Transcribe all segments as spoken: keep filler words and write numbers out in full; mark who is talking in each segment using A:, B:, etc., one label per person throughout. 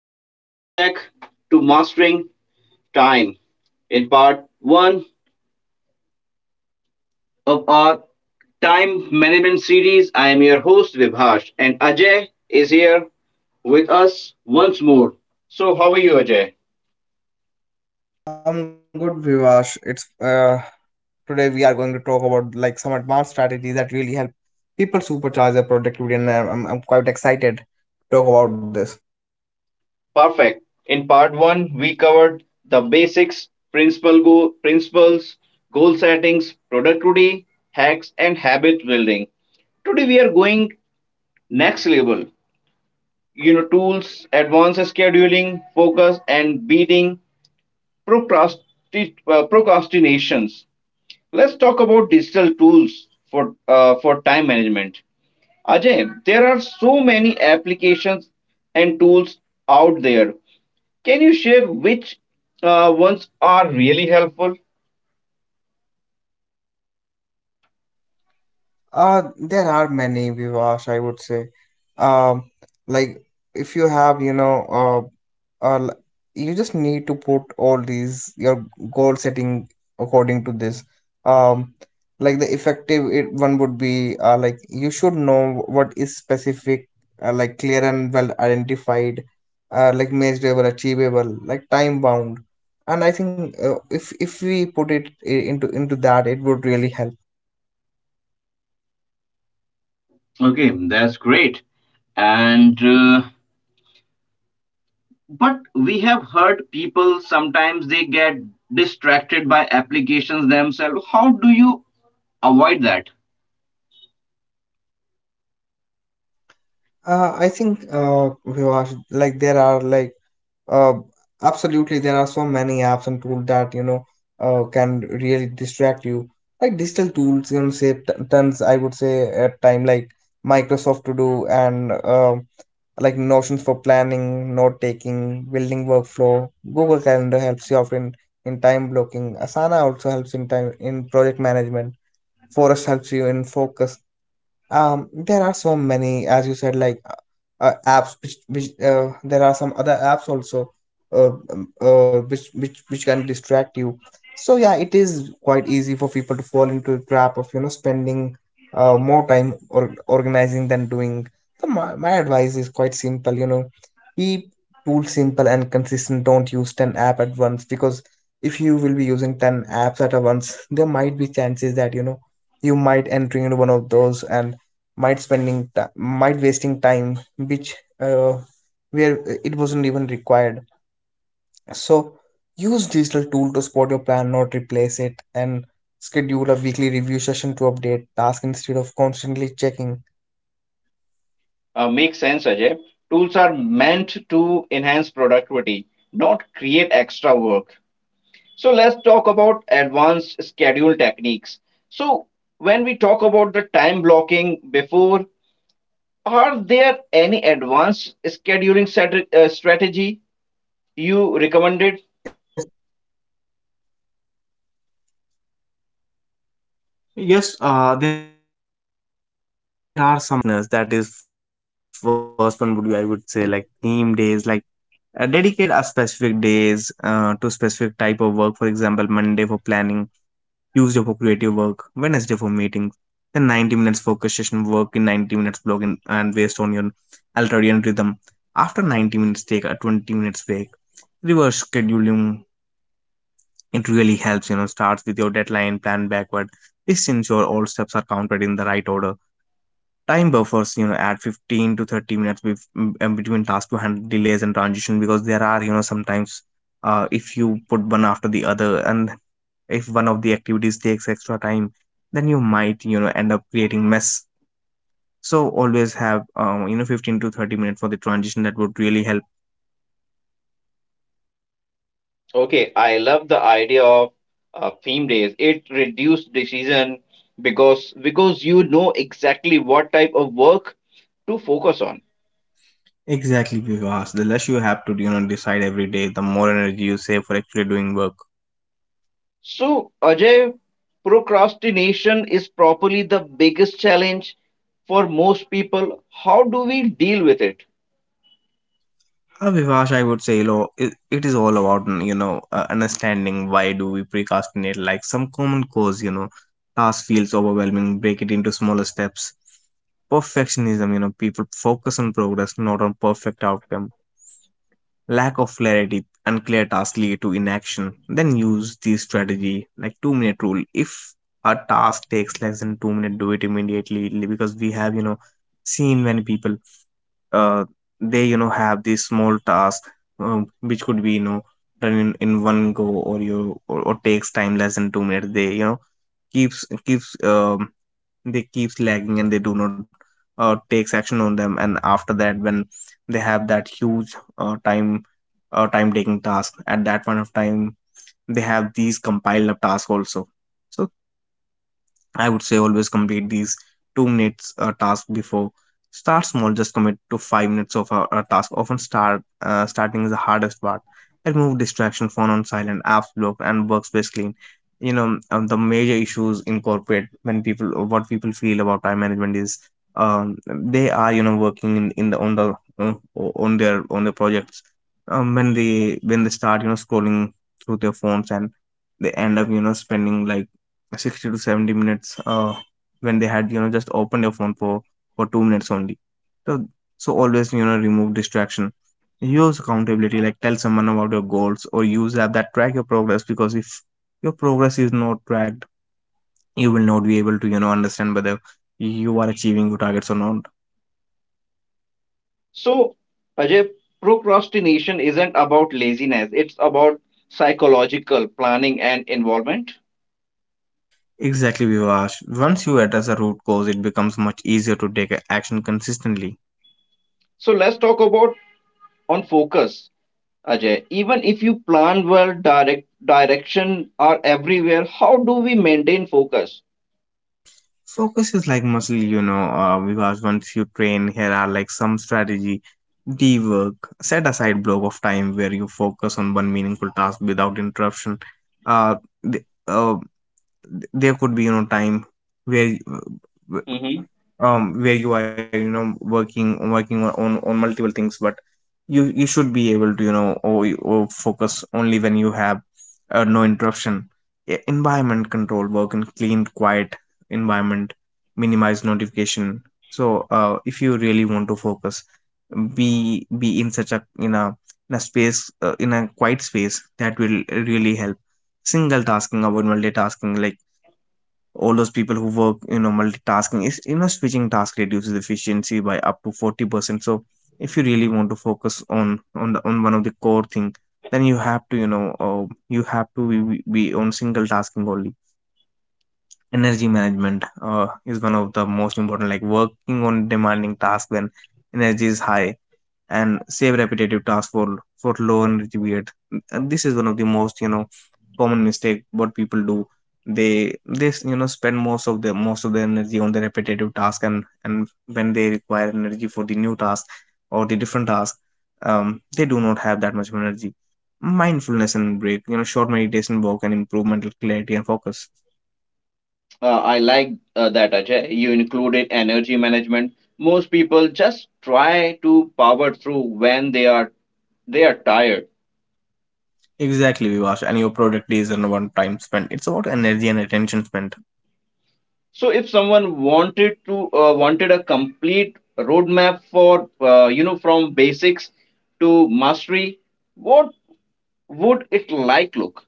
A: Welcome back to Mastering Time. In part one of our time management series, I am your host Vibhash, and Ajay is here with us once more. So, how are you, Ajay?
B: I'm good, Vivash. It's uh, Today we are going to talk about like some advanced strategies that really help people supercharge their productivity, and I'm, I'm I'm quite excited to talk about this.
A: Perfect. In part one, we covered the basics, principle go- principles, goal settings, productivity, hacks, and habit building. Today, we are going next level you know tools, advanced scheduling, focus, and beating procrasti- uh, procrastinations. Let's talk about digital tools for uh, for time management. Ajay, there are so many applications and tools out there. Can you share which uh, ones are really helpful?
B: Uh, there are many, Vivash. I would say, um, like if you have, you know, uh, uh, l- you just need to put all these your goal setting according to this, um like the effective it, one would be uh, like you should know what is specific, uh, like clear and well identified, uh, like measurable, achievable, like time bound. And I think uh, if if we put it i- into into that, it would really help.
A: Okay, that's great. And uh, but we have heard people sometimes they get distracted by applications themselves. How do you avoid that.
B: Uh, I think uh, Vivash, like there are like Uh, absolutely, there are so many apps and tools that you know uh, can really distract you. Like digital tools, you know, save t- tons. I would say at time like Microsoft To Do, and uh, like Notions for planning, note taking, building workflow. Google Calendar helps you out in in time blocking. Asana also helps in time in project management. Forest helps you in focus. Um there are so many, as you said, like uh, uh, apps which which uh, there are some other apps also uh, um, uh which which which can distract you. So yeah, it is quite easy for people to fall into the trap of you know spending uh, more time or organizing than doing. So my, my advice is quite simple, you know. Keep tools simple and consistent, don't use ten app at once, because if you will be using ten apps at a once, there might be chances that you know you might enter into one of those, and might spending ti- might wasting time which uh, where it wasn't even required. So use digital tool to support your plan, not replace it, and schedule a weekly review session to update task instead of constantly checking.
A: Uh, makes sense, Ajay. Tools are meant to enhance productivity, not create extra work. So let's talk about
B: Yes.
A: advanced schedule techniques. So when we talk about the time blocking before, are there any advanced scheduling strat- uh, strategy you recommended?
B: Yes, uh, there are some uh, some uh, advanced techniques which would really help our listeners. That is, first one would be, I would say, like theme days. Like uh, dedicate a specific days uh, to specific type of work. For example, Monday for planning, Tuesday for creative work, Wednesday for meetings. Then ninety minutes focus session, work in ninety minutes block in, and based on your ultradian rhythm. After ninety minutes, take a twenty minutes break. Revolving, it really helps, you know, starts with your deadline, plan backward. This ensure all steps are counted in the right order. Time buffers, you know, add fifteen to thirty minutes bef- m- uh, between tasks to handle delays and transition, because there are, you know, sometimes uh, if you put one after the other, and if one of the activities takes extra time, then you might you know end up creating mess. So always have um, you know, fifteen to thirty minutes for the transition, that would really help.
A: Okay, I love the idea of uh, theme days. It reduced decision because because you know exactly what type of work to focus on.
B: The more.
A: So, Ajay, procrastination is probably the biggest challenge for most people. How do we deal with it?
B: uh, Vivash, I would say, you know, it, it is all about mm, you know, uh, understanding why do we procrastinate. Like some common cause, you know, task feels overwhelming. Break it into smaller steps. Perfectionism, you know, people focus on progress, not on perfect outcome. Lack of clarity, unclear clear tasks lead to inaction. Then use the strategy like two minute rule. If a task takes less than two minutes, do it immediately, because we have you know seen many people. uh, they you know have these small tasks, um, which could be you know done in, in one go, or you or, or takes time less than two minutes, they you know keeps keeps um they keeps lagging and they do not uh, takes action on them. And after that, when they have that huge uh, time uh, time taking task at that point of time, they have these compiled up tasks also. So I would say always complete these two minutes uh, task before. Start small, just commit to five minutes of a, a task. Often start uh, starting is the hardest part. Remove distraction, phone on silent, apps blocked, and workspace clean. You know, um, the major issues in corporate, when people what people feel about time management is, um, they are you know working in, in the on the uh, on their on their projects. Um, when they when they start you know scrolling through their phones and they end up you know spending like sixty to seventy minutes, uh, when they had you know just opened your phone for for two minutes only. So so always you know remove distraction. Use accountability, like tell someone about your goals, or use app that track your progress, because if your progress is not tracked, you will not be able to you know understand whether you are achieving your targets or not.
A: So, Ajay, procrastination isn't about laziness, it's about psychological planning and involvement.
B: Exactly, Vivash. Once you address the root cause, it becomes much easier to take action consistently.
A: So, let's talk about on focus. Ajay, even if you plan well, direct direction are everywhere. How do we maintain focus?
B: Focus is like muscle, you know, uh, because once you train, here are like some strategy. Dework, set aside block of time where you focus on one meaningful task without interruption. Uh, th- uh, th- there could be you know time where y- w- um where you are you know working working on on, on multiple things, but you you should be able to you know or, or focus only when you have uh, no interruption. E- environment control, work in clean quiet environment, minimize notification. So uh, if you really want to focus, be be in such a in a in a space, uh, in a quiet space, that will really help. Single tasking, avoid multitasking. Like all those people who work, you know, multitasking is, you know, switching task reduces efficiency by up to forty percent. So if you really want to focus on on the on one of the core thing, then you have to you know uh, you have to be, be on single tasking only. Energy management uh, is one of the most important, like working on demanding tasks when energy is high, and save repetitive tasks for for low energy period. And this is one of the most you know common mistake what people do. They they you know spend most of their most of their energy on the repetitive task, and and when they require energy for the new task or the different task, um they do not have that much of energy. Mindfulness and break, you know, short meditation walk and improve mental clarity and focus.
A: Uh, I like uh, that, Ajay. You included energy management. Most people just try to power through when they are they are tired.
B: Exactly, Vivash. And your productivity is in one time spent, it's about energy and attention spent.
A: So if someone wanted to uh, wanted a complete roadmap for uh, you know from basics to mastery, what would it like look?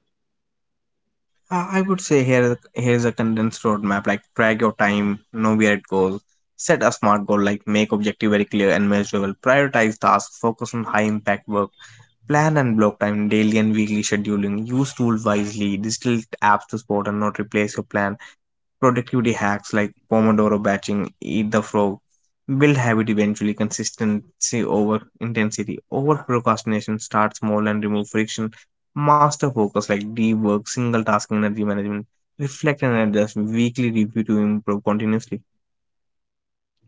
B: Uh, I would say here here's a condensed roadmap. Like track your time, know where it goes. Set a smart goal, like make objective very clear and measurable. Prioritize tasks, focus on high impact work. Plan and block time, daily and weekly scheduling. Use tools wisely. Digital apps to support and not replace your plan. Productivity hacks like Pomodoro batching, eat the frog, build habit eventually, consistency over intensity. Over procrastination, start small and remove friction. Master focus, like deep work, single tasking, energy management. Reflect and adjust. Weekly review to improve continuously.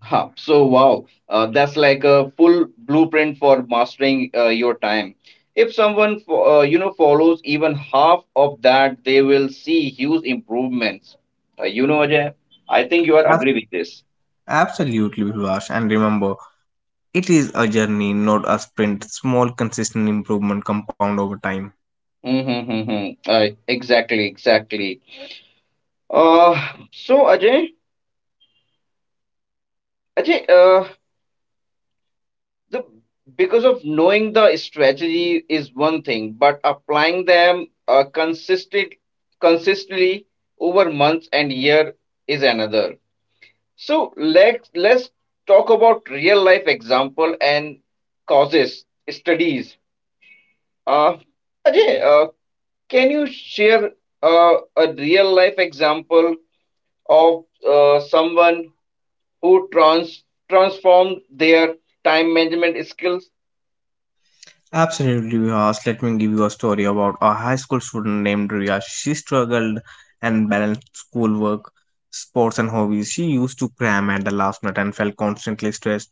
A: Huh. So, wow, uh, that's like a full blueprint for mastering uh, your time. If someone, fo- uh, you know, follows even half of that, they will see huge improvements. Uh, you know, Ajay, I think you are
B: Ab-
A: agree with this.
B: Absolutely, Vivash. And remember, it is a journey, not a sprint. Small, consistent improvement compound over time.
A: Mm-hmm, uh, exactly, exactly. Uh, so Ajay, Ajay, uh, the because of knowing the strategy is one thing, but applying them uh, consistent consistently over months and year is another. So let's let's talk about real life example and causes studies. Uh, Ajay, uh, can you share uh, a real life example of uh, someone who trans transformed their time management skills?
B: Absolutely, Vihas. Let me give you a story about a high school student named Ria. She struggled and balanced schoolwork, sports, and hobbies. She used to cram at the last minute and felt constantly stressed.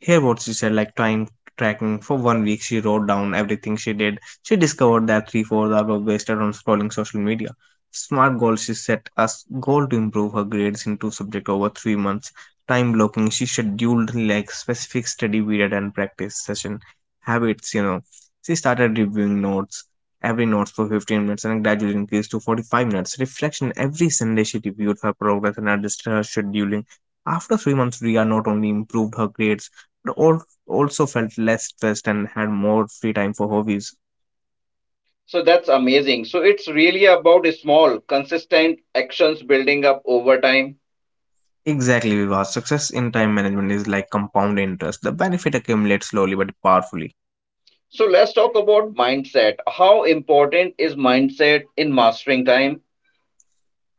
B: Here, what she said like time tracking for one week, she wrote down everything she did. She discovered that three fourths hours were wasted on scrolling social media. Smart goal, she set as goal to improve her grades in two subjects over three months. Time blocking, she scheduled like specific study period and practice session. Habits, you know, she started reviewing notes, every notes for fifteen minutes and gradually increased to forty-five minutes. Reflection every Sunday, she reviewed her progress and adjusted her scheduling. After three months, Ria not only improved her grades, but al- also felt less stressed and had more free time for hobbies.
A: So that's amazing. So it's really about small, consistent actions building up over time.
B: Exactly, Viva. Success in time management is like compound interest. The benefit accumulates slowly but powerfully.
A: So let's talk about mindset. How important is mindset in mastering time?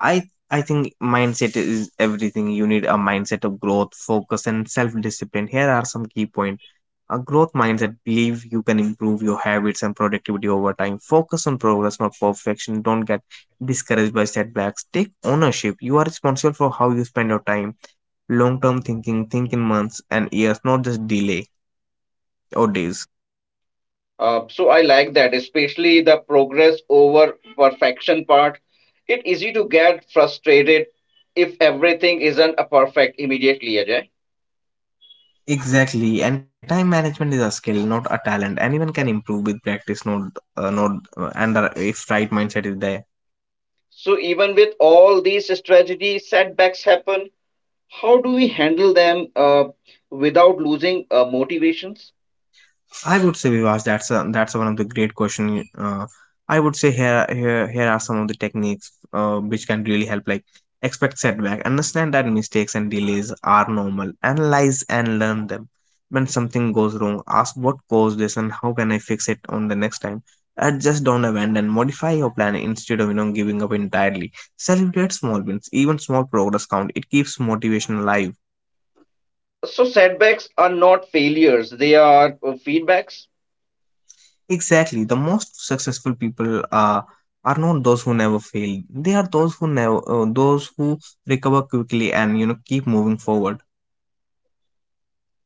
B: I I think mindset is everything. You need a mindset of growth, focus, and self-discipline. Here are some key points. A growth mindset, believe you can improve your habits and productivity over time. Focus on progress, not perfection. Don't get discouraged by setbacks. Take ownership. You are responsible for how you spend your time. Long-term thinking, think in months and years, not just delay or days.
A: Uh, so I like that, especially the progress over perfection part. It's easy to get frustrated if everything isn't a perfect immediately, Ajay.
B: Exactly, and time management is a skill, not a talent. Anyone can improve with practice, not uh, not uh, and uh, if right mindset is there.
A: So even with all these strategies, setbacks happen. How do we handle them uh, without losing uh, motivations?
B: I would say, Vivash, that's a, that's one of the great question. Uh, I would say here here here are some of the techniques uh, which can really help. Like expect setback, understand that mistakes and delays are normal, analyze and learn them. When something goes wrong, ask what caused this and how can I fix it on the next time. Adjust, don't abandon, modify your plan instead of you know giving up entirely. Celebrate small wins, even small progress count. It keeps motivation alive.
A: So setbacks are not failures, they are uh, feedbacks.
B: Exactly. The most successful people are are not those who never fail. They are those who never uh, those who recover quickly and you know keep moving forward.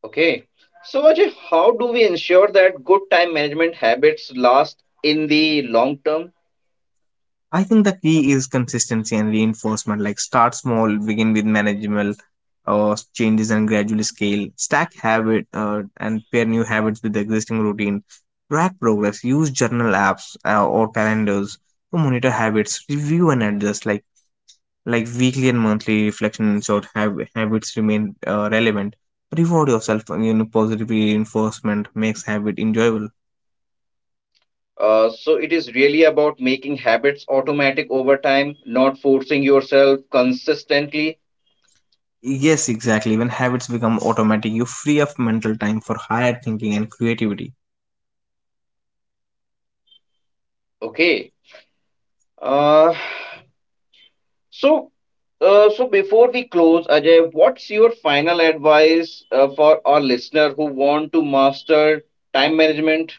A: Okay, so Ajay, how do we ensure that good time management habits last in the long term?
B: I think the key is consistency and reinforcement. Like start small, begin with manageable uh, changes and gradually scale. Stack habit uh, and pair new habits with the existing routine. Track progress. Use journal apps uh, or calendars to monitor habits. Review and adjust. Like like weekly and monthly reflection ensured hab- habits remain uh, relevant. Reward yourself, uh, you know, positive reinforcement makes habit enjoyable.
A: Uh, so it is really about making habits automatic over time, not forcing yourself consistently.
B: Yes, exactly. When habits become automatic, you free up mental time for higher thinking and creativity.
A: Okay. Uh, so uh, so before we close, Ajay, what's your final advice uh, for our listener who want to master time management?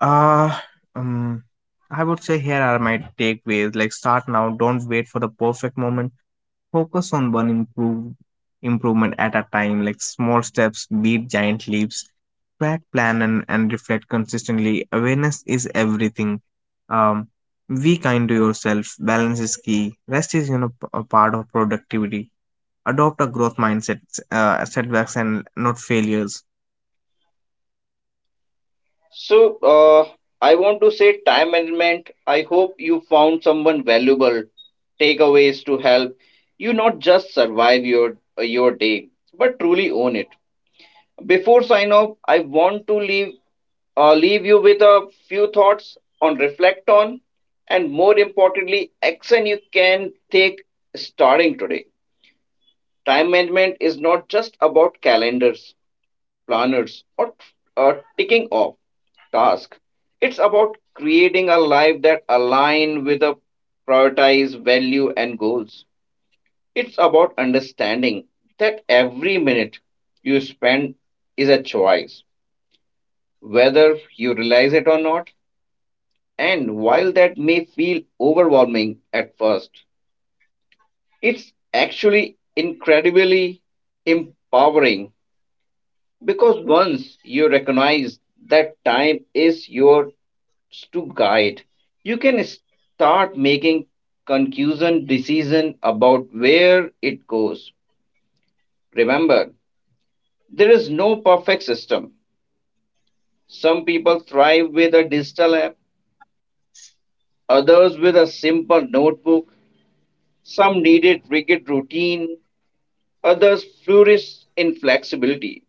B: Uh, um, I would say here are my takeaways. Like start now, don't wait for the perfect moment. Focus on one improve improvement at a time. Like small steps beat giant leaps. Track, plan, and and reflect consistently. Awareness is everything. um, be kind to yourself. Balance is key. Rest is, you know, p- a part of productivity. Adopt a growth mindset. Uh, setbacks and not failures.
A: So, uh, I want to say time management. I hope you found someone valuable takeaways to help you not just survive your uh, your day but truly own it. Before sign off, I want to leave uh, leave you with a few thoughts on reflect on, and more importantly action you can take starting today. Time management is not just about calendars, planners, or uh, ticking off task. It's about creating a life that align with a prioritized value and goals. It's about understanding that every minute you spend is a choice, whether you realize it or not. And while that may feel overwhelming at first, it's actually incredibly empowering because once you recognize that time is your to guide. You can start making conclusion decision about where it goes. Remember, there is no perfect system. Some people thrive with a digital app, others with a simple notebook, some needed rigid routine, others flourish in flexibility.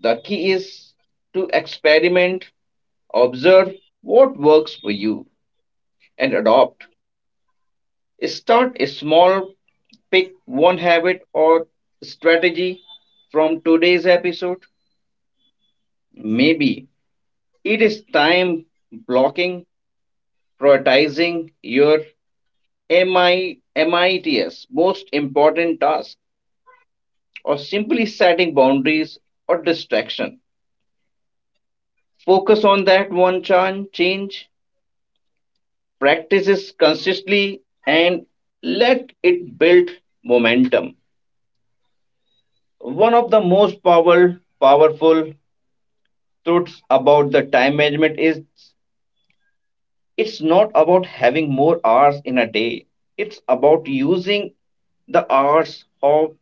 A: The key is to experiment, observe what works for you, and adopt. Start small, pick one habit or strategy from today's episode. Maybe it is time blocking, prioritizing your M I, M I T S, most important task, or simply setting boundaries or distraction. Focus on that one chan- change, practice this consistently, and let it build momentum. One of the most power, powerful truths about the time management is it's not about having more hours in a day. It's about using the hours of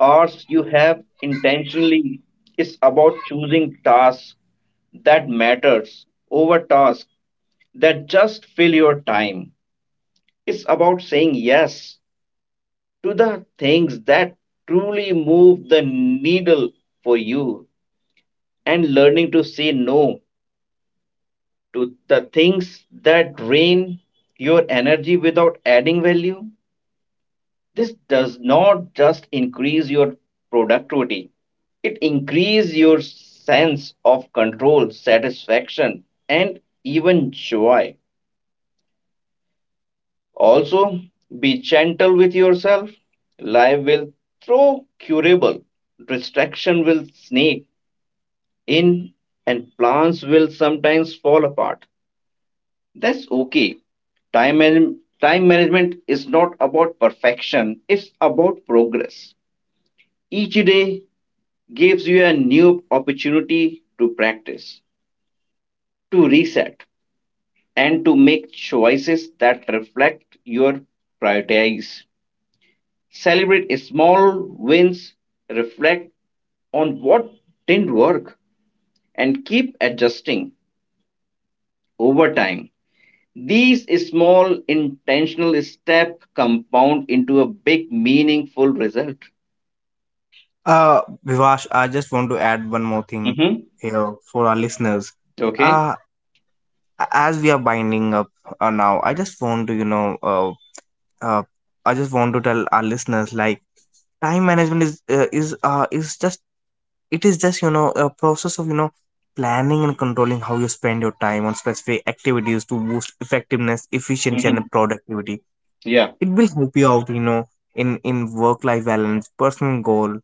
A: hours you have intentionally. It's about choosing tasks that matters over tasks that just fill your time. It's about saying yes to the things that truly move the needle for you and learning to say no to the things that drain your energy without adding value. This does not just increase your productivity, it increases your sense of control, satisfaction, and even joy. Also, be gentle with yourself. Life will throw curable, distraction will sneak in, and plans will sometimes fall apart. That's okay. Time, man- time management is not about perfection, it's about progress. Each day gives you a new opportunity to practice, to reset, and to make choices that reflect your priorities. Celebrate small wins, reflect on what didn't work, and keep adjusting over time. These small intentional steps compound into a big meaningful result.
B: uh Vivash, I just want to add one more thing
A: Mm-hmm.
B: here for our listeners.
A: Okay.
B: uh as we are binding up, uh, now I just want to you know uh, uh, I just want to tell our listeners, like time management is uh, is uh, is just, it is just you know a process of you know planning and controlling how you spend your time on specific activities to boost effectiveness, efficiency,
A: Mm-hmm.
B: and productivity.
A: Yeah.
B: It will help you out, you know, in in work life balance, personal goal,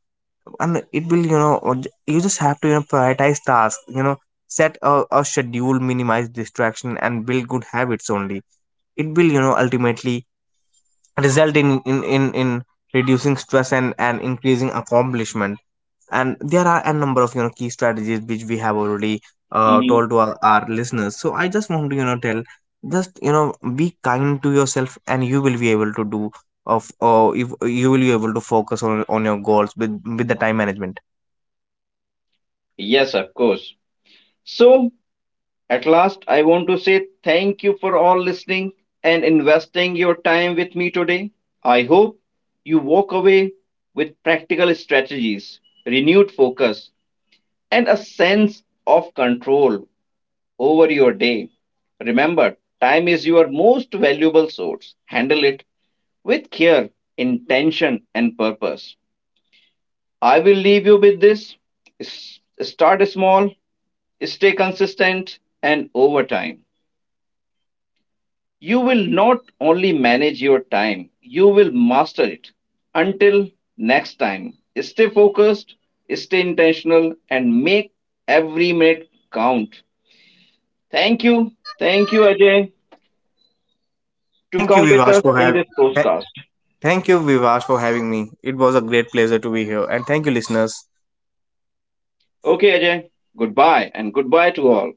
B: and it will you know or j- you just have to you know prioritize tasks, you know, set a, a schedule, minimize distraction, and build good habits only. It will you know ultimately result in in in, in reducing stress and and increasing accomplishment. And there are a number of you know key strategies which we have already uh,
A: Mm-hmm.
B: told to our, our listeners. So I just want to you know tell, just you know be kind to yourself and you will be able to do of, or if you will be able to focus on on your goals with with the time management.
A: Yes, of course. So, at last, I want to say thank you for all listening and investing your time with me today. I hope you walk away with practical strategies, renewed focus, and a sense of control over your day. Remember, time is your most valuable source. Handle it with care, intention, and purpose. I will leave you with this: S- start small, stay consistent, and over time, you will not only manage your time, you will master it. Until next time, stay focused, stay intentional, and make every minute count. Thank you. Thank you, Ajay. To
B: thank you
A: come with
B: vivash
A: us
B: for
A: in
B: having
A: this podcast.
B: Thank you, Vivash, for having me. It was a great pleasure to be here, and thank you, listeners.
A: Okay, Ajay, goodbye and goodbye to all.